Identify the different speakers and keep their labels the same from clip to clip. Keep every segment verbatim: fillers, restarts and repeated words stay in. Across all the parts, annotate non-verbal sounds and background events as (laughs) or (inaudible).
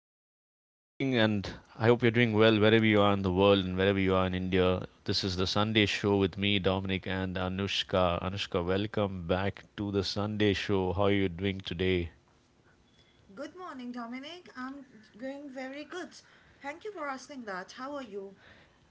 Speaker 1: everyone, good morning, and I hope you're doing well wherever you are in the world and wherever you are in India. This is the Sunday show with me, Dominic, and Anushka. Anushka, welcome back to the Sunday show. How are you doing today?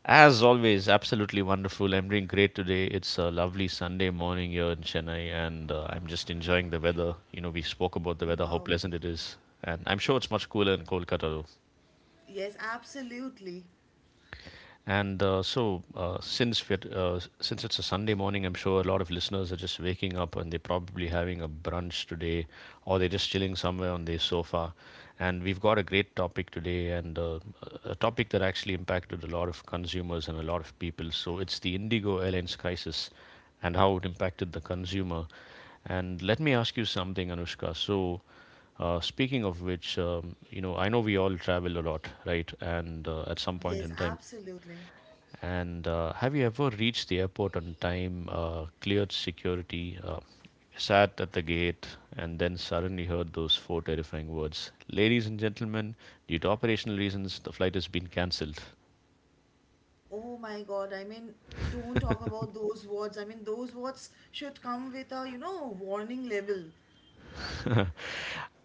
Speaker 1: As always, absolutely wonderful. I'm doing great today. It's a lovely Sunday morning here in Chennai, and uh, I'm just enjoying the weather. You know, we spoke about the weather, how pleasant it is, and I'm sure it's much cooler in Kolkata, though. And uh, so, uh, since we're, uh, since it's a Sunday morning, I'm sure a lot of listeners are just waking up and they're probably having a brunch today, or they're just chilling somewhere on their sofa. And we've got a great topic today, and uh, a topic that actually impacted a lot of consumers and a lot of people. So it's the Indigo Airlines crisis, and how it impacted the consumer. And let me ask you something, Anushka. So, uh, speaking of which, um, you know, I know we all travel a lot, right? And uh, at some point in time, and uh, have you ever reached the airport on time, uh, cleared security, uh, sat at the gate, and then suddenly heard those four terrifying words: Ladies and gentlemen, due to operational reasons, the flight has been cancelled? (laughs)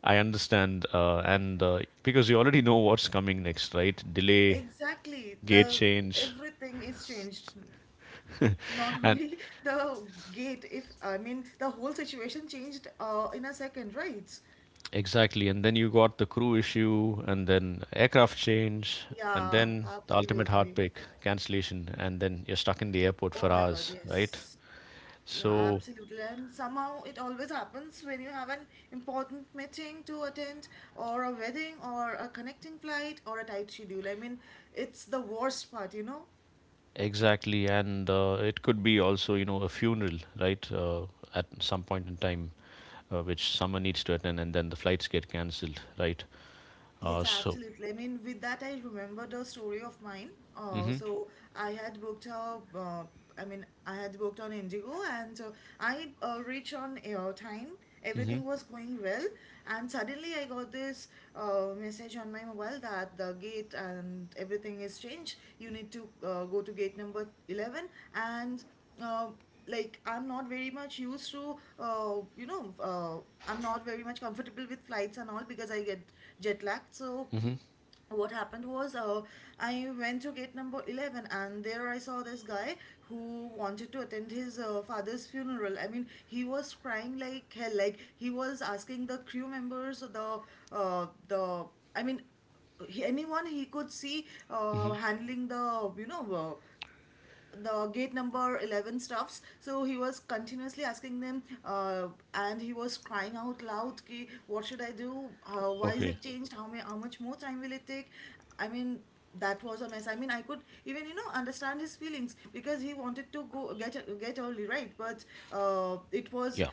Speaker 1: I understand. Uh, and uh, Because you already know what's coming next, right? Delay, gate change. And exactly, and then you got the crew issue, and then aircraft change, and then the ultimate heartbreak, cancellation, and then you're stuck in the airport for hours, right? So, exactly, and uh, it could be also, you know, a funeral, right? Uh, at some point in time, uh, which someone needs to attend, and then the flights get cancelled, right? Uh, so, mm-hmm, mm-hmm, mm-hmm, mm-hmm. Okay, yeah,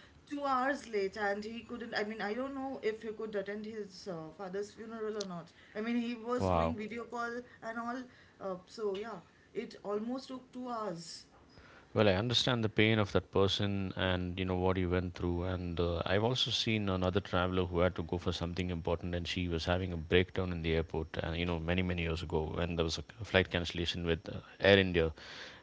Speaker 1: wow. Well, I understand the pain of that person and you know what he went through. And uh, I've also seen another traveler who had to go for something important, and she was having a breakdown in the airport. And you know, many many years ago, when there was a flight cancellation with uh, Air India,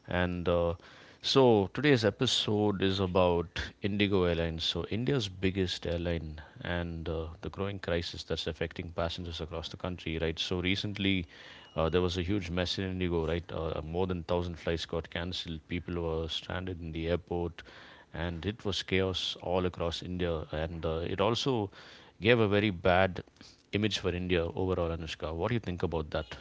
Speaker 1: and uh, so today's episode is about Indigo Airlines, so India's biggest airline, and uh, the growing crisis that's affecting passengers across the country. Right. So recently, uh, there was a huge mess in Indigo, right? Uh, uh, more than one thousand flights got cancelled. People were stranded in the airport, and it was chaos all across India. And uh, it also gave a very bad image for India overall, Anushka. What do you think about that?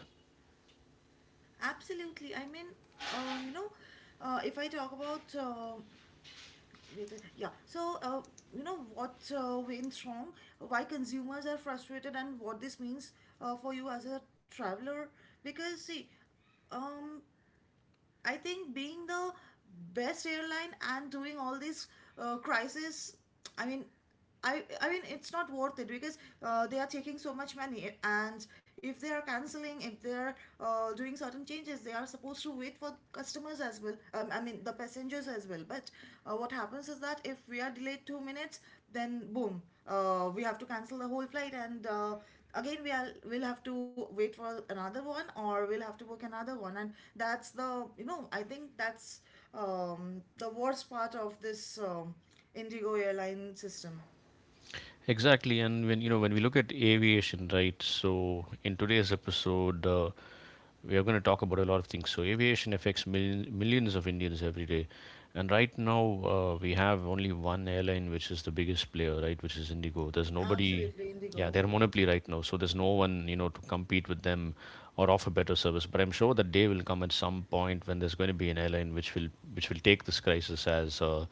Speaker 1: Exactly, and when you know when we look at aviation, right? So in today's episode, uh, we are going to talk about a lot of things. So aviation affects million, millions of Indians every day. And right now, uh, we have only one airline, which is the biggest player, right? Which is Indigo. There's nobody, yeah, they're monopoly right now. So there's no one, you know, to compete with them or offer better service. But I'm sure that day will come at some point when there's going to be an airline which will which will take this crisis as uh,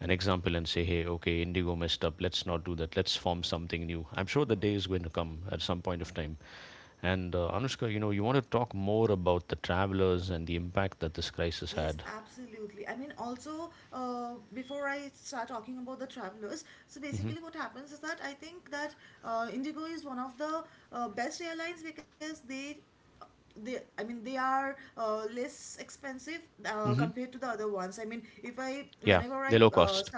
Speaker 1: an example and say, hey, okay, Indigo messed up. Let's not do that. Let's form something new. I'm sure the day is going to come at some point of time. And uh, Anushka, you know, you want to talk more about the travelers and the impact that this crisis had. Hmm. Hmm. Yeah, they're low cost.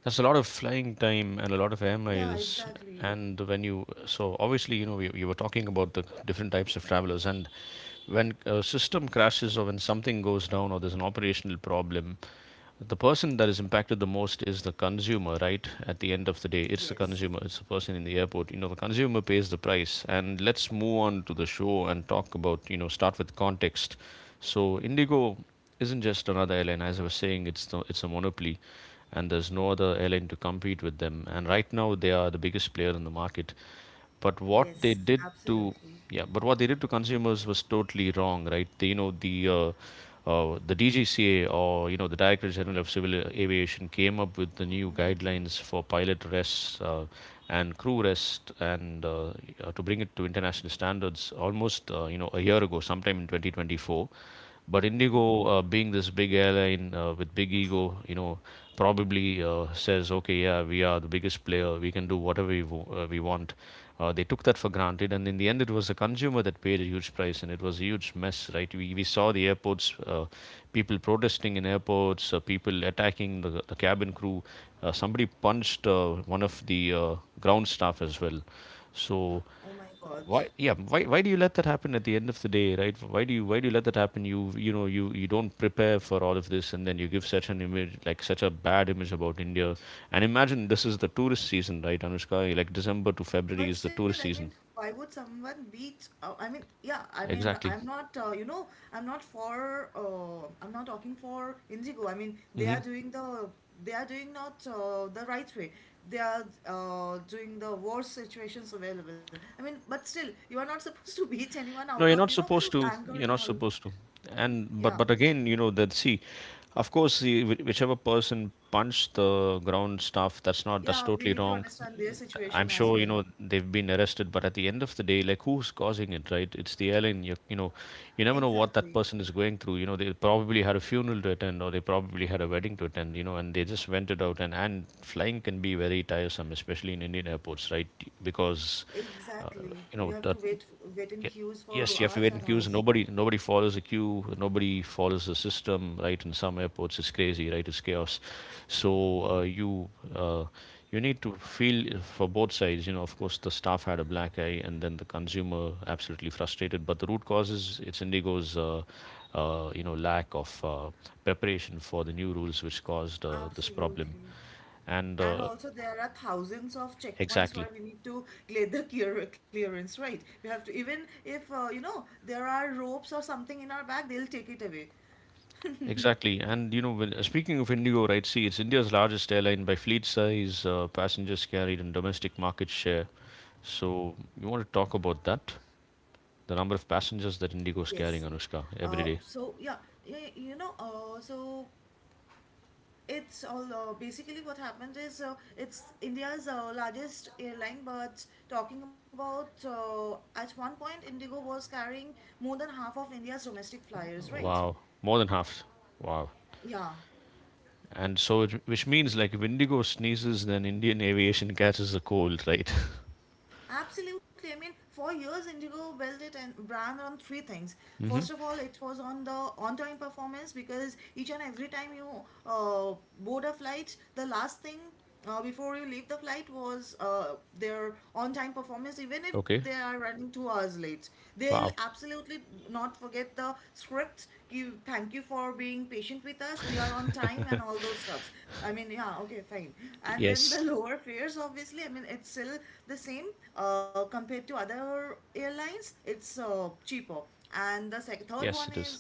Speaker 1: That's a lot of flying time and a lot of air miles. And when you, so obviously, you know, we, you were talking about the different types of travelers. And when a system crashes or when something goes down or there's an operational problem, the person that is impacted the most is the consumer. Right, at the end of the day it's the consumer, it's the person in the airport. You know, the consumer pays the price. And let's move on to the show and talk about, you know, start with context. So Indigo isn't just another airline. As I was saying, it's the, it's a monopoly, and there's no other airline to compete with them, and right now they are the biggest player in the market. But what they did to yeah, but what they did to consumers was totally wrong, right? The, you know, the uh, uh, the D G C A, or you know, the Director General of Civil Aviation, came up with the new guidelines for pilot rests uh, and crew rest, and uh, uh, to bring it to international standards almost, uh, you know, a year ago, sometime in twenty twenty-four. But Indigo, uh, being this big airline uh, with big ego, you know, probably uh, says, okay, yeah, we are the biggest player. We can do whatever we, w- uh, we want. Uh, they took that for granted, and in the end, it was the consumer that paid a huge price, and it was a huge mess, right? We, we saw the airports, uh, people protesting in airports, uh, people attacking the, the cabin crew. Uh, somebody punched uh, one of the uh, ground staff as well. So why yeah why why do you let that happen at the end of the day, right? Why do you why do you let that happen? You you know, you you don't prepare for all of this, and then you give such an image, like such a bad image about India. And imagine this is the tourist season, right, Anushka? Like December to February is the tourist season. Exactly. Hmm. No, you're not supposed to. You're not supposed to. And but but again, you know that, see, of course, the, whi- whichever person punched the ground staff, that's not that's totally wrong. I'm sure you know they've been arrested, but at the end of the day, like, who's causing it, right? It's the airline. You you know, you never know what that person is going through. You know, they probably had a funeral to attend, or they probably had a wedding to attend. You know, and they just went it out. And and flying can be very tiresome, especially in Indian airports, right? Because uh, you know that, yeah. Yes, you have to wait in queues, nobody nobody follows a queue, nobody follows the system, right? In some airports, it's crazy, right? It's chaos. So uh, you uh, you need to feel for both sides. You know, of course, the staff had a black eye, and then the consumer absolutely frustrated. But the root cause is it's Indigo's uh, uh, you know, lack of uh, preparation for the new rules, which caused uh, this problem. And uh, exactly. Exactly. And you know, when, uh, speaking of Indigo, right? See, it's India's largest airline by fleet size, uh, passengers carried, and domestic market share. So, you want to talk about that? The number of passengers that Indigo is carrying, Anushka, every day. Wow, more than half. Wow. And so, it, which means, like, if Indigo sneezes, then Indian aviation catches a cold, right? (laughs) Hmm. Okay. Wow. Yes. Yes, it is.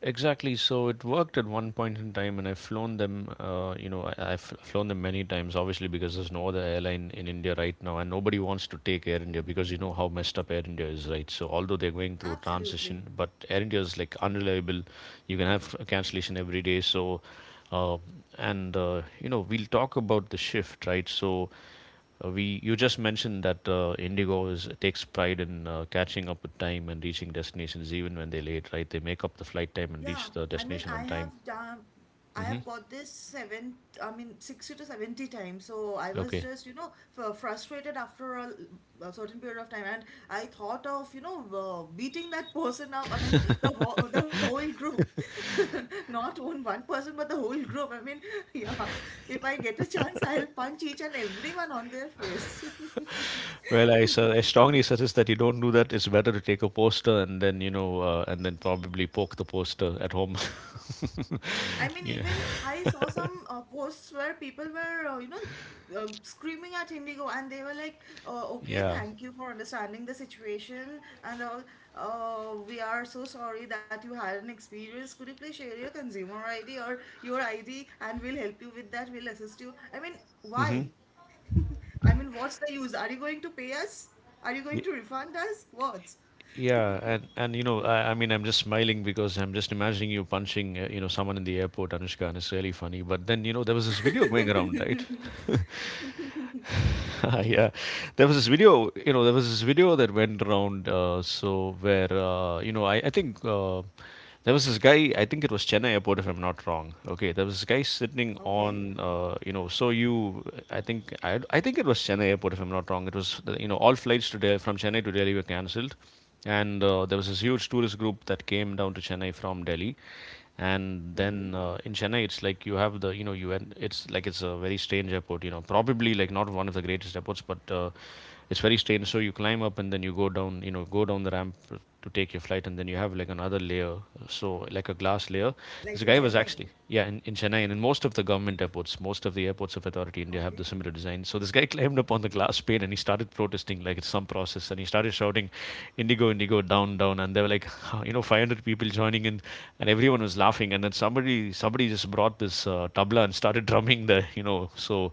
Speaker 1: Exactly. So it worked at one point in time, and I've flown them. Uh, you know, I, I've flown them many times, obviously, because there's no other airline in India right now, and nobody wants to take Air India because you know how messed up Air India is, right? So although they're going through a transition, but Air India is like unreliable. You can have a cancellation every day. So, uh, and uh, you know, we'll talk about the shift, right? So uh, we you just mentioned that uh, Indigo is takes pride in uh, catching up with time and reaching destinations even when they're late, right? They make up the flight time and reach the destination on time. Hmm. Okay. Well, I, su- I strongly suggest that you don't do that. It's better to take a poster and then, you know, uh, and then probably poke the poster at home. (laughs) Yeah. Yeah. Hmm. Y- Yeah, and and you know, I, I mean, I'm just smiling because I'm just imagining you punching, uh, you know, someone in the airport, Anushka, and it's really funny. But then, you know, there was this video going around, right? (laughs) (laughs) yeah. There was this video you know there was this video that went around, uh, so where uh, you know I, I think uh, there was this guy I think it was Chennai airport if I'm not wrong. Okay. there was this guy sitting on uh, you know so you I think I, I think it was Chennai airport if I'm not wrong. It was, uh, you know, all flights to Del- from Chennai to Delhi were cancelled. And uh, there was this huge tourist group that came down to Chennai from Delhi. And then, uh, in Chennai, it's like you have the, you know, U N. It's like it's a very strange airport. You know, probably like not one of the greatest airports, but uh, it's very strange. So you climb up and then you go down. You know, go down the ramp to take your flight, and then you have like another layer. So like a glass layer. This guy was actually, yeah, in, in Chennai, and in most of the government airports, most of the airports of authority India have the similar design. So this guy (laughs) climbed up on the glass pane and he started protesting like it's some process, and he started shouting, Indigo, Indigo, down, down. And there were like, "Huh, you know, five hundred people joining in, and everyone was laughing." And then somebody, somebody just brought this uh, tabla and started (laughs) drumming there, you know. So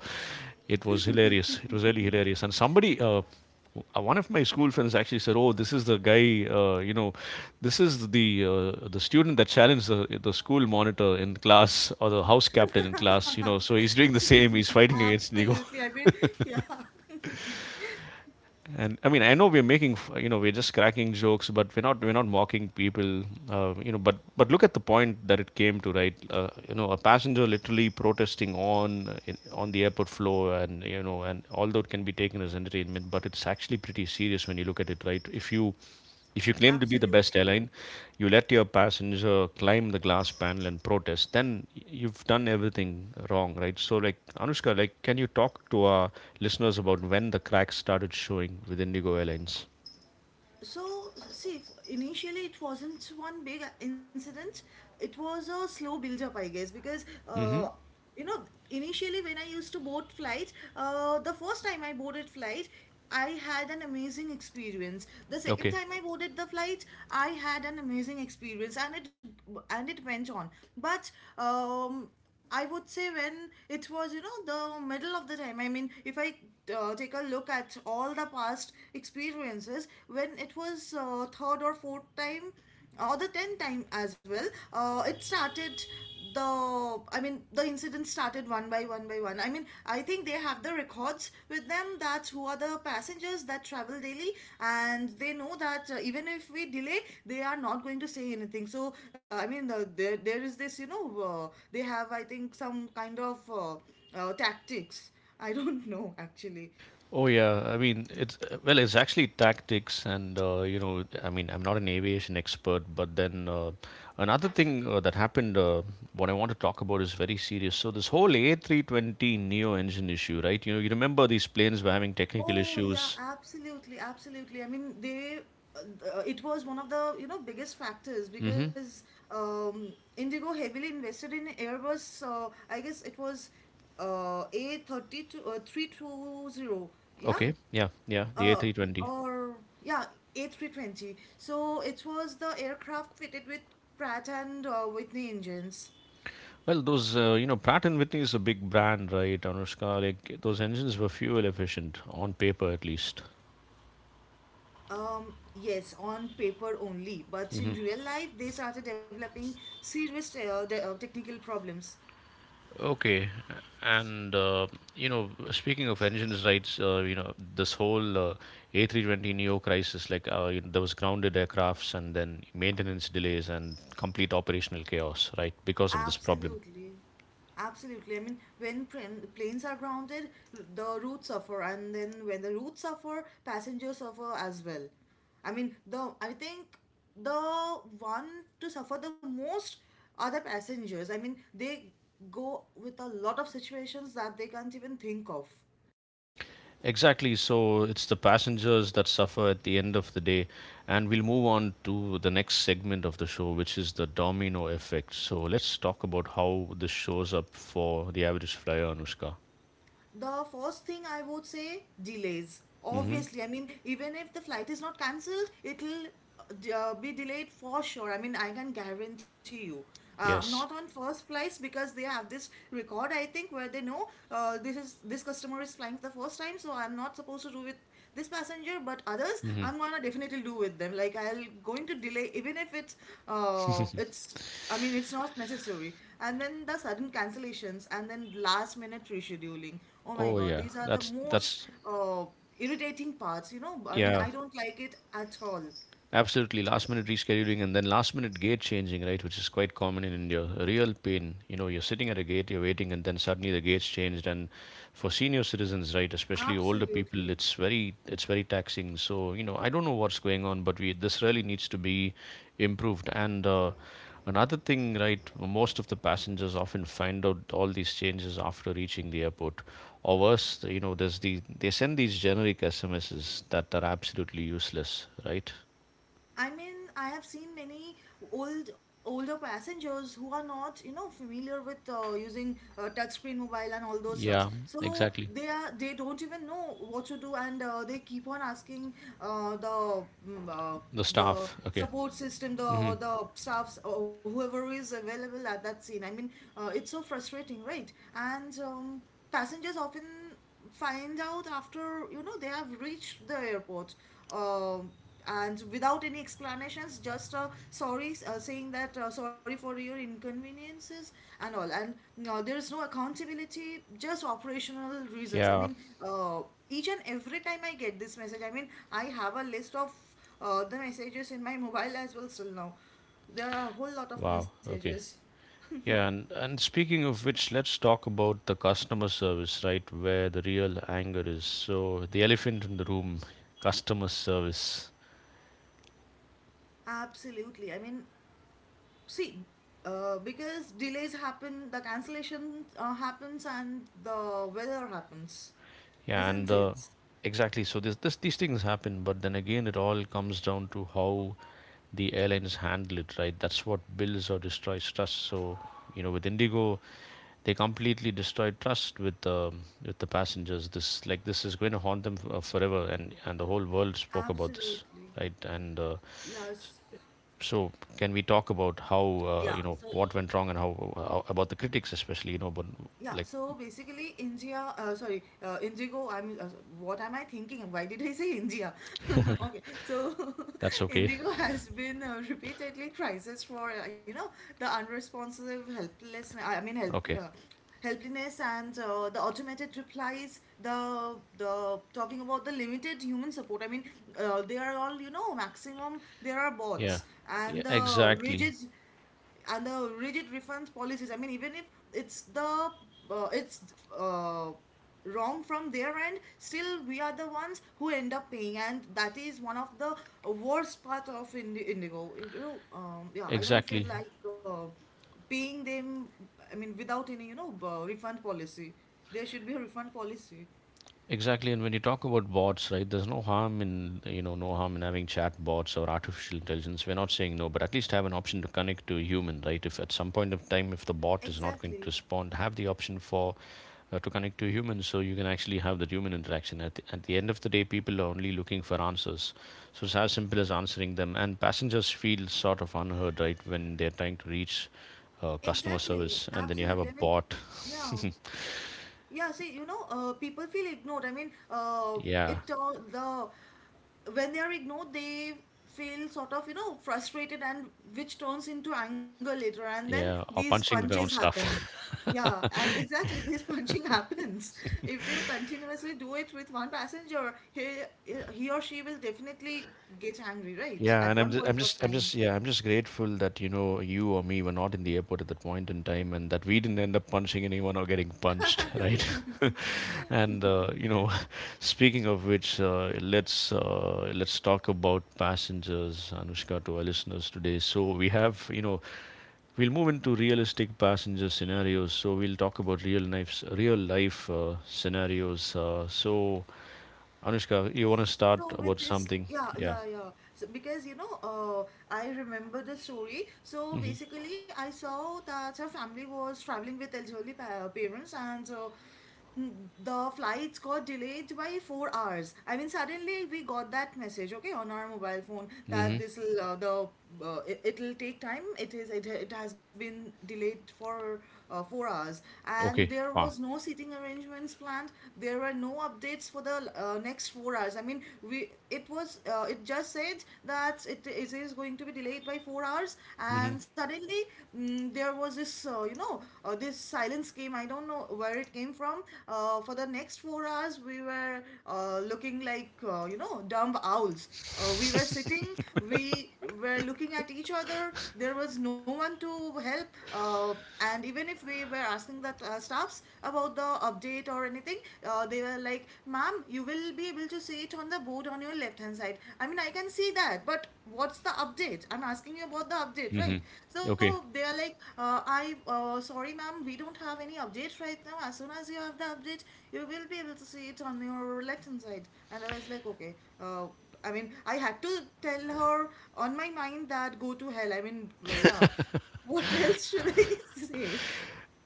Speaker 1: it was hilarious. It was really hilarious. And somebody, uh, uh, one of my school friends actually said, "Oh, this is the guy. Uh, you know, this is the uh, the student that challenged the, the school monitor in class or the house captain in class. You know, so he's doing the same. He's fighting against Nigo." (laughs) And I mean, I know we're making, f- you know, we're just cracking jokes, but we're not, we're not mocking people, uh, you know. But but look at the point that it came to, right? Uh, you know, a passenger literally protesting on uh, in, on the airport floor, and you know, and although it can be taken as entertainment, but it's actually pretty serious when you look at it, right? If you if you claim to be the best airline, you let your passenger climb the glass panel and protest, then you've done everything wrong, right? So, like, Anushka, like, can you talk to our listeners about when the cracks started showing with Indigo Airlines? Mm-hmm. Okay. Oh yeah, I mean it's uh, well, it's actually tactics, and, uh, you know, I mean, I'm not an aviation expert, but then, uh, another thing uh, that happened, uh, what I want to talk about is very serious. So this whole A three twenty neo engine issue, right? You know, you remember these planes were having technical issues. Mm-hmm. Okay. Yeah. Yeah. The A three twenty. Well, those uh, you know, Pratt and Whitney is a big brand, right? Anushka, like those engines were fuel efficient on paper, at least. Okay, and uh, you know, speaking of engines rights, uh, you know, this whole uh, A three twenty neo crisis, like, uh, you know, there was grounded aircrafts and then maintenance delays and complete operational chaos, right, because of this problem. Exactly. So it's the passengers that suffer at the end of the day, and we'll move on to the next segment of the show, which is the domino effect. So let's talk about how this shows up for the average flyer, Anushka. Hmm. Yes. Mm-hmm. Oh yeah, that's that's Yeah. Absolutely, last minute rescheduling and then last minute gate changing, right, which is quite common in India. A real pain. You know, you're sitting at a gate, you're waiting, and then suddenly the gate's changed. And for senior citizens, right, especially older people, it's very it's very taxing. So you know, I don't know what's going on, but we this really needs to be improved. And, uh, another thing, right, most of the passengers often find out all these changes after reaching the airport. Or worse, you know, there's the they send these generic S M Ss that are absolutely useless, right? Yeah, exactly. The staff. Okay. Hmm. Yeah. Wow. Okay. Yeah, and, and speaking of which, let's talk about the customer service, right? Where the real anger is. So the elephant in the room, customer service. Yeah, and uh, exactly. So this, this these things happen, but then again, it all comes down to how the airlines handle it, right? That's what builds or destroys trust. So you know, with Indigo, they completely destroyed trust with the with the passengers. This like this is going to haunt them f- uh, forever, and and the whole world spoke about this, right? And uh, so, can we talk about how, uh, you know what went wrong and how, how about the critics, especially, you know, but like that's okay, (laughs) okay, yeah, yeah, exactly, exactly. Exactly, and when you talk about bots, right? There's no harm in, you know, no harm in having chat bots or artificial intelligence. We're not saying no, but at least have an option to connect to a human, right? If at some point of time, if the bot is not going to respond, have the option for, uh, to connect to a human, so you can actually have that human interaction. At the, at the end of the day, people are only looking for answers, so it's as simple as answering them. And passengers feel sort of unheard, right, when they're trying to reach, uh, customer service, and then you have a bot. (laughs) Yeah, yeah, or punching the ground stuff. Yeah, and I'm just, I'm just, I'm just, yeah, I'm just grateful that you know you or me were not in the airport at that point in time, and that we didn't end up punching anyone or getting punched, (laughs) right? (laughs) and uh, you know, (laughs) speaking of which, uh, let's uh, let's talk about passengers, Anushka, to our listeners today. So we have, you know, we'll move into realistic passenger scenarios. So we'll talk about real life, real life uh, scenarios. Uh, so Anushka, you want to start about something? Yeah. Hmm. Hmm. Okay. Mm-hmm. Mm-hmm. Okay.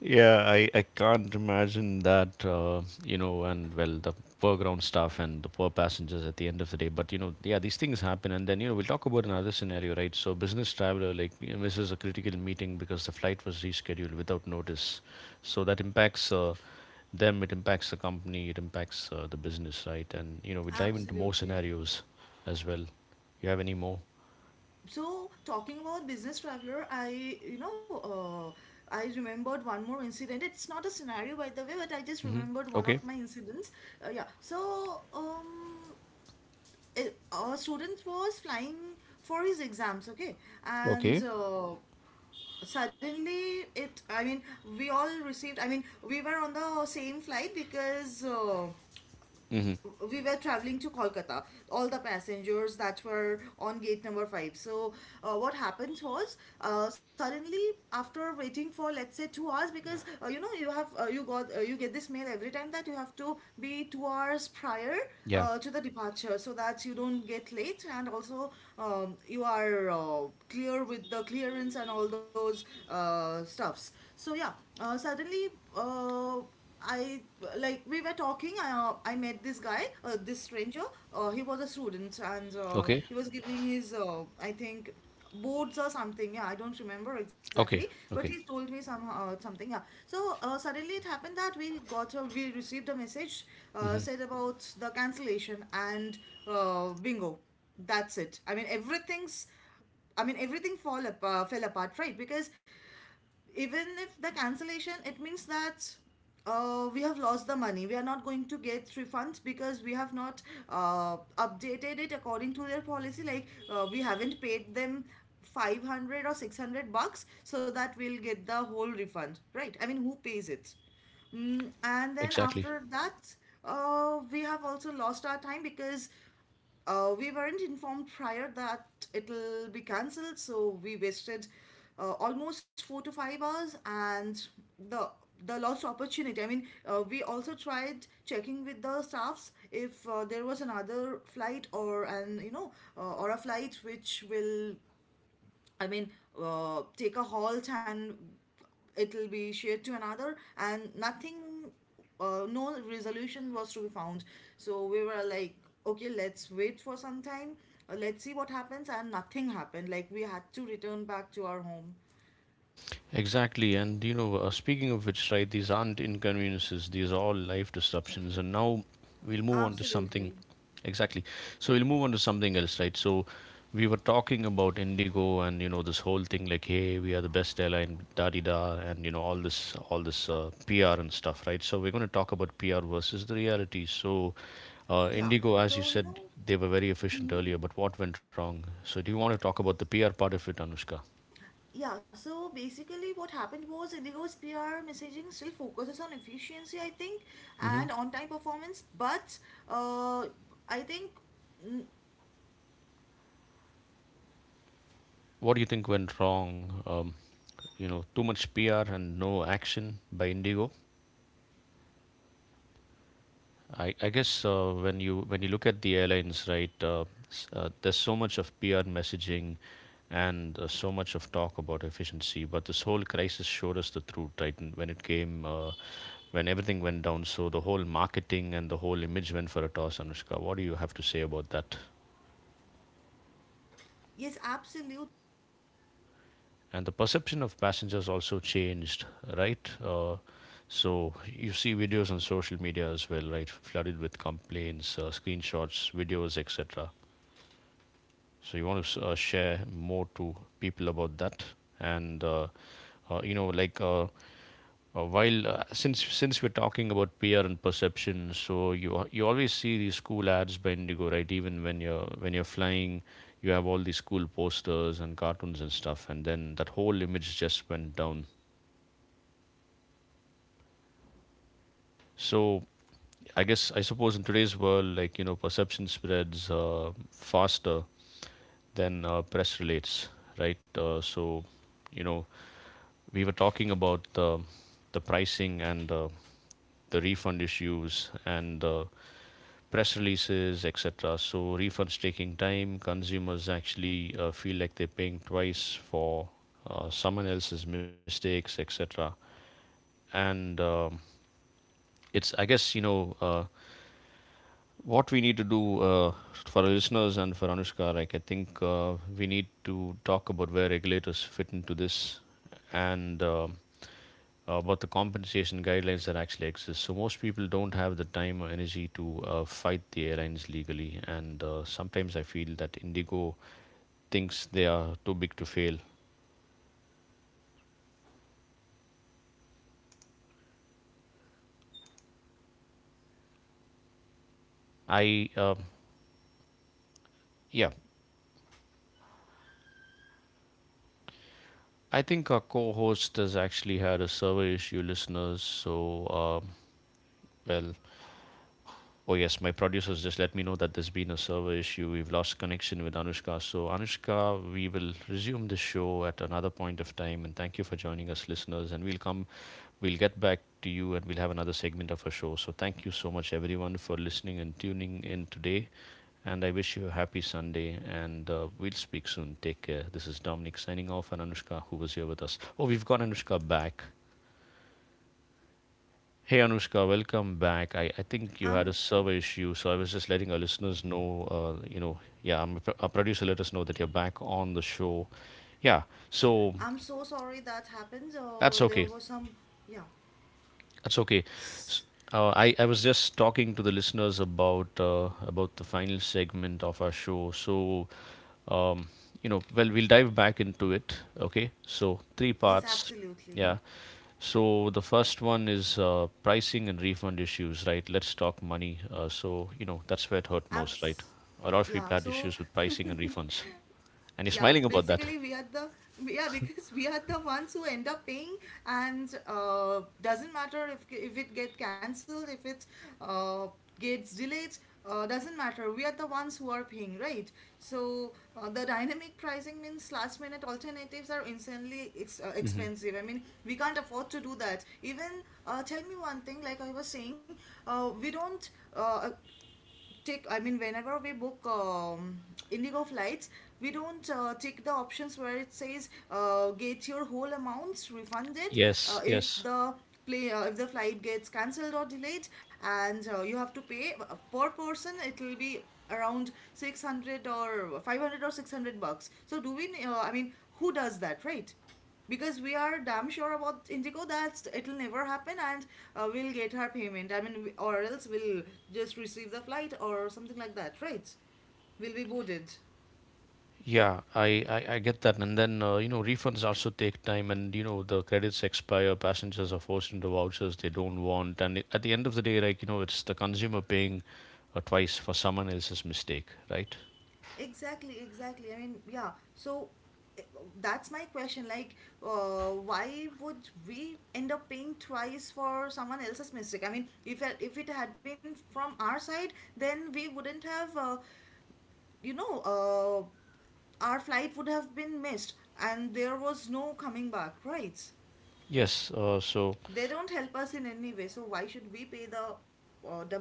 Speaker 1: Yeah, I, I can't imagine that, uh, you know, and well, the poor ground staff and the poor passengers at the end of the day. But, you know, yeah, these things happen. And then, you know, we'll talk about another scenario, right? So, business traveler, like, you know, misses a critical meeting because the flight was rescheduled without notice. So, that impacts, uh, them, it impacts the company, it impacts, uh, the business, right? And, you know, we'll dive into more scenarios as well. You have any more? Mm-hmm. Okay. Okay. Mm-hmm. Yeah. Okay. Okay, okay. Hmm. Exactly. Exactly. And, you know, uh, speaking of which, right, these aren't inconveniences, these are all life disruptions. And now we'll move on to something. Exactly. So we'll move on to something else, right? So we were talking about Indigo and, you know, this whole thing like, hey, we are the best airline, da di da, and, you know, all this, all this, uh, P R and stuff, right? So we're going to talk about P R versus the reality. So, uh, Indigo, as you said, they were very efficient earlier, but what went wrong? So do you want to talk about the P R part of it, Anushka? Hmm. What do you think went wrong? Um, you know, too much P R and no action by Indigo. I, I guess, uh, when you, when you look at the airlines, right, uh, s- uh, there's so much of P R messaging and, uh, so much of talk about efficiency, but this whole crisis showed us the truth, right? And when it came, uh, when everything went down, so the whole marketing and the whole image went for a toss. Anushka, what do you have to say about that? And the perception of passengers also changed, right. Uh, so you see videos on social media as well, right, flooded with complaints, uh, screenshots, videos, etc. So you want to, uh, share more to people about that. And uh, uh, you know like uh, uh, while uh, since since we're talking about P R and perception, so you you always see these cool ads by Indigo, right, even when you're, when you're flying. You have all these cool posters and cartoons and stuff, and then that whole image just went down. So I guess I suppose in today's world, like you know, perception spreads uh, faster than, uh, press relates, right? Uh, so you know, we were talking about the the pricing and, uh, the refund issues and, uh, press releases, et cetera. So refunds taking time. Consumers actually, uh, feel like they're paying twice for, uh, someone else's mistakes, et cetera. And, um, it's, I guess you know. Uh, what we need to do, uh, for our listeners and for Anushka, like I think, uh, we need to talk about where regulators fit into this and, uh, about the compensation guidelines that actually exist. So most people don't have the time or energy to, uh, fight the airlines legally, and, uh, sometimes I feel that Indigo thinks they are too big to fail. I uh, yeah, I think our co-host has actually had a server issue, listeners. So uh, well, Oh yes, my producers just let me know that there's been a server issue. We've lost connection with Anushka. So Anushka, we will resume the show at another point of time, and thank you for joining us, listeners, and we'll come we'll get back to you and we'll have another segment of our show. So thank you so much everyone for listening and tuning in today, and I wish you a happy Sunday, and uh, we'll speak soon. Take care. This is Dominic signing off, and Anushka who was here with us. Oh, we've got Anushka back. Hey Anushka, welcome back. I, I think you had a
Speaker 2: I'm
Speaker 1: server issue, so I was just letting our listeners know, uh, you know, yeah, I'm a producer let us know that you're back on the show. Yeah, so
Speaker 2: I'm so sorry that happens.
Speaker 1: that's
Speaker 2: Uh,
Speaker 1: okay.
Speaker 2: there was some yeah.
Speaker 1: That's okay. S-
Speaker 2: S-
Speaker 1: Uh, I, I was just talking to the listeners about uh, about the final segment of our show. So, um, you know, well, we'll dive back into it. Okay, so three
Speaker 2: Yes,
Speaker 1: parts.
Speaker 2: absolutely.
Speaker 1: Yeah, so the first one is uh, pricing and refund issues, right? Let's talk money. Uh, so you know that's where it hurt most, right?
Speaker 2: Abs
Speaker 1: A lot of
Speaker 2: yeah.
Speaker 1: people had
Speaker 2: So
Speaker 1: issues with
Speaker 2: (laughs)
Speaker 1: pricing and refunds, and you're
Speaker 2: yeah,
Speaker 1: smiling about that.
Speaker 2: basically we are the yeah (laughs) because we are the ones who end up paying and uh, doesn't matter if if it get cancelled if it uh, gets delayed. Uh, doesn't matter, we are the ones who are paying, right? So uh, the dynamic pricing means last minute alternatives are insanely ex- uh,
Speaker 1: Hmm
Speaker 2: expensive. I mean, we can't afford to do that even. Uh, tell me one thing, like I was saying, uh, we don't uh, take, I mean, whenever we book um, indigo flights, we don't uh, take the options where it says uh, get your whole amounts refunded uh,
Speaker 1: Yes,
Speaker 2: if
Speaker 1: yes,
Speaker 2: the play uh, if the flight gets cancelled or delayed, and uh, you have to pay uh, per person. It will be around six hundred or five hundred or six hundred bucks. So do we, uh, I mean, who does that, right? Because we are damn sure about indigo that it'll never happen, and uh, we'll get our payment. I mean, we- or else we'll just receive the flight or something like that, right? We'll be boarded.
Speaker 1: yeah, I, I I get that. And then uh, you know refunds also take time, and you know the credits expire. Passengers are forced into vouchers they don't want, and it- at the end of the day, like you know, it's the consumer paying uh, twice for someone else's mistake, right?
Speaker 2: Exactly, exactly. I mean, yeah. So eh, that's my question, like uh, why would we end up paying twice for someone else's mistake? I mean, if it- if it had been from our side, then we wouldn't have uh, you know uh, our flight would have been missed, and there was no coming back, right?
Speaker 1: Yes. Uh, so
Speaker 2: They don't help us in any way, so why should we pay the uh, double?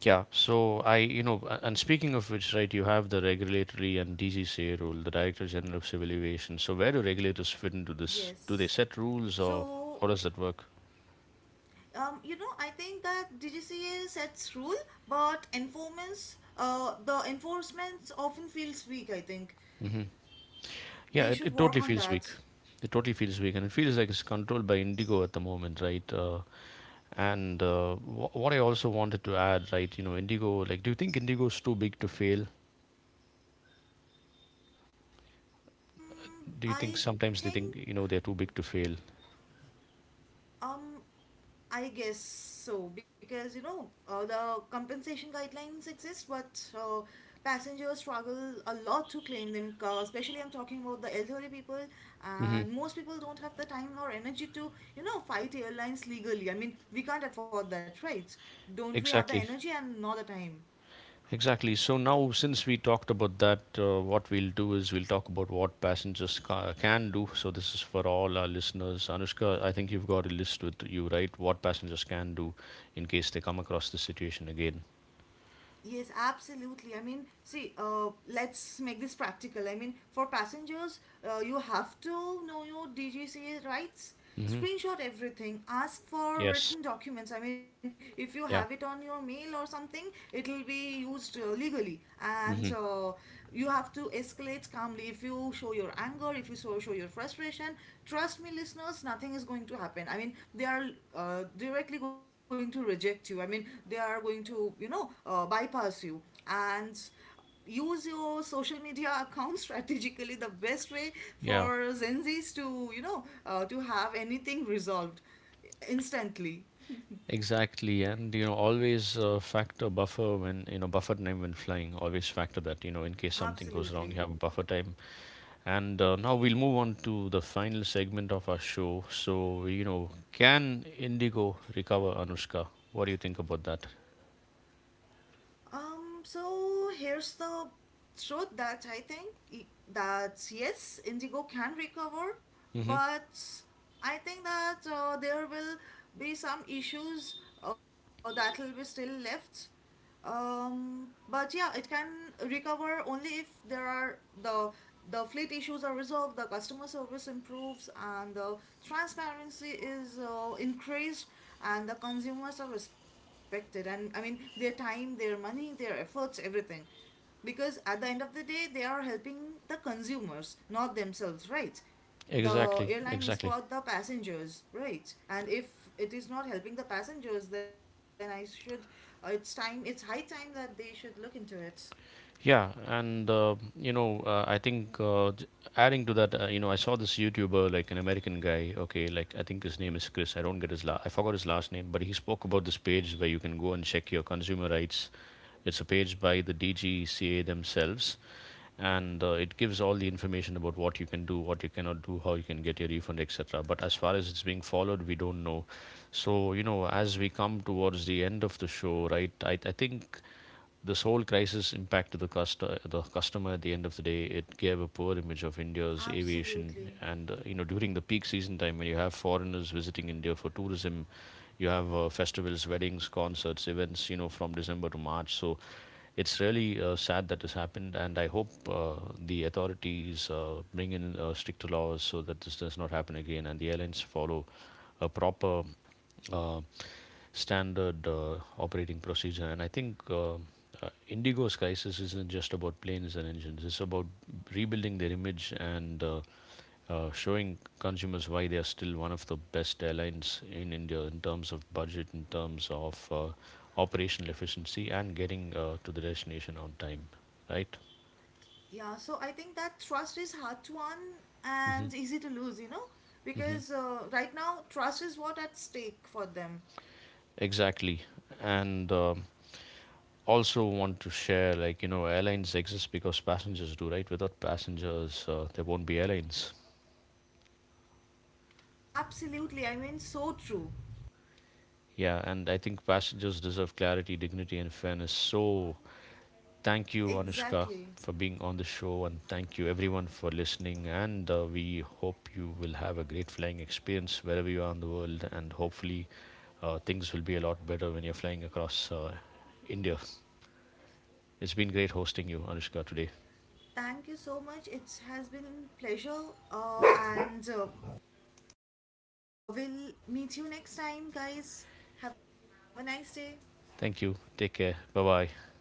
Speaker 1: yeah, so I, you know, a- and speaking of which, right, you have the regulatory and D G C A rule, the Director General of Civil Aviation. So where do regulators fit into this? Do they
Speaker 2: Yes.
Speaker 1: set rules, or
Speaker 2: So,
Speaker 1: how does that work?
Speaker 2: um, you know, I think that D G C A sets rule, but enforcements, uh, the enforcements often feels weak. I think
Speaker 1: Yeah,
Speaker 2: they
Speaker 1: it,
Speaker 2: should
Speaker 1: it
Speaker 2: work
Speaker 1: totally
Speaker 2: on
Speaker 1: feels weak.
Speaker 2: that.
Speaker 1: It totally feels weak, and it feels like it's controlled by Indigo at the moment, right? Uh, and uh, wh- what I also wanted to add, right, you know, Indigo, like, do you think Indigo's too big to fail?
Speaker 2: Mm,
Speaker 1: Do you think
Speaker 2: I
Speaker 1: sometimes they think,
Speaker 2: think
Speaker 1: you know, they're too big to fail?
Speaker 2: um I guess so, because you know uh, the compensation guidelines exist, but uh, passengers struggle a lot to claim them. them. 'Cause- especially, I'm talking about the elderly people,
Speaker 1: Hmm
Speaker 2: and most people don't have the time or energy to you know fight airlines legally. I mean, we can't afford that, right? Don't we have the
Speaker 1: Exactly.
Speaker 2: energy and not the time?
Speaker 1: Exactly. So now, since we talked about that, uh, what we'll do is we'll talk about what passengers ca- can do. So this is for all our listeners. Anushka, I think you've got a list with you, right? What passengers can do in case they come across this situation again.
Speaker 2: Yes, absolutely. I mean, see, uh, let's make this practical. I mean, for passengers, uh, you have to know your D G C A rights.
Speaker 1: Hmm
Speaker 2: Screenshot everything. Ask for
Speaker 1: Yes.
Speaker 2: written documents. I mean, if you have it on
Speaker 1: Yeah.
Speaker 2: your mail or something, it'll be used uh, legally. And
Speaker 1: hmm
Speaker 2: uh, You have to escalate calmly. If you show your anger or if you so show your frustration, trust me listeners, nothing is going to happen. I mean, they are uh, directly going to reject you. I mean, they are going to you know uh, bypass you, and use your social media (laughs) account strategically, the best way
Speaker 1: Yeah.
Speaker 2: for Gen Zs to you know uh, to have anything resolved instantly.
Speaker 1: Exactly. And you know, always uh, factor buffer when you know buffer time when flying. Always factor that, you know, in case something goes wrong, you
Speaker 2: Absolutely.
Speaker 1: have a buffer time. And uh, now we'll move on to the final segment of our show. So, you know, can Indigo recover, Anushka? What do you think about that?
Speaker 2: Um, so here's the truth that I think i- that yes, Indigo can recover,
Speaker 1: Hmm
Speaker 2: but I think that uh, there will be some issues uh, that will be still left. Um, but yeah, it can recover only if there are the the fleet issues are resolved, the customer service improves, and the transparency is uh, increased, and the consumers are respected. And I mean, their time, their money, their efforts, everything. Because at the end of the day, they are helping the consumers, not themselves, right? The
Speaker 1: Exactly,
Speaker 2: airline is
Speaker 1: exactly.
Speaker 2: for the passengers, right? And if it is not helping the passengers, then I should uh, it's time, it's high time that they should look into it.
Speaker 1: Yeah, and uh, you know, uh, I think uh, j- adding to that, uh, you know, I saw this YouTuber, like an American guy. Okay, like I think his name is Chris. I don't get his la I forgot his last name, but he spoke about this page
Speaker 2: Mm-hmm.
Speaker 1: where you can go and check your consumer rights. It's a page by the D G C A themselves, and uh, it gives all the information about what you can do, what you cannot do, how you can get your refund, et cetera. But as far as it's being followed, we don't know. So, you know, as we come towards the end of the show, right, I, I think this whole crisis impacted the, custo- the customer at the end of the day. It gave a poor image of India's aviation.
Speaker 2: Absolutely.
Speaker 1: And, uh, you know, during the peak season time, when you have foreigners visiting India for tourism, you have uh, festivals, weddings, concerts, events, you know, from December to March. So it's really uh, sad that this happened. And I hope uh, the authorities uh, bring in uh, stricter laws so that this does not happen again, and the airlines follow a proper uh, standard uh, operating procedure. And I think uh, uh, Indigo's crisis isn't just about planes and engines, it's about rebuilding their image, and uh, uh, showing consumers why they are still one of the best airlines in India in terms of budget, in terms of uh, operational efficiency, and getting uh, to the destination on time, right?
Speaker 2: Yeah, so I think that trust is hard to earn
Speaker 1: hmm
Speaker 2: and easy to lose, you know,
Speaker 1: hmm
Speaker 2: because uh, right now trust is what at stake for them.
Speaker 1: Exactly. And uh, also want to share, like you know, airlines exist because passengers do, right? Without passengers, uh, there won't be airlines.
Speaker 2: Absolutely, I mean, so true.
Speaker 1: Yeah, and I think passengers deserve clarity, dignity, and fairness. So thank you, Anushka,
Speaker 2: Exactly.
Speaker 1: for being on the show, and thank you everyone for listening, and uh, we hope you will have a great flying experience wherever you are in the world, and hopefully uh, things will be a lot better when you're flying across uh, India. It's been great hosting you, Anushka, today.
Speaker 2: Thank you so much, it has been pleasure, uh, and uh, Uh, we'll meet you next time, guys. Have a nice day.
Speaker 1: Thank you, take care, bye bye.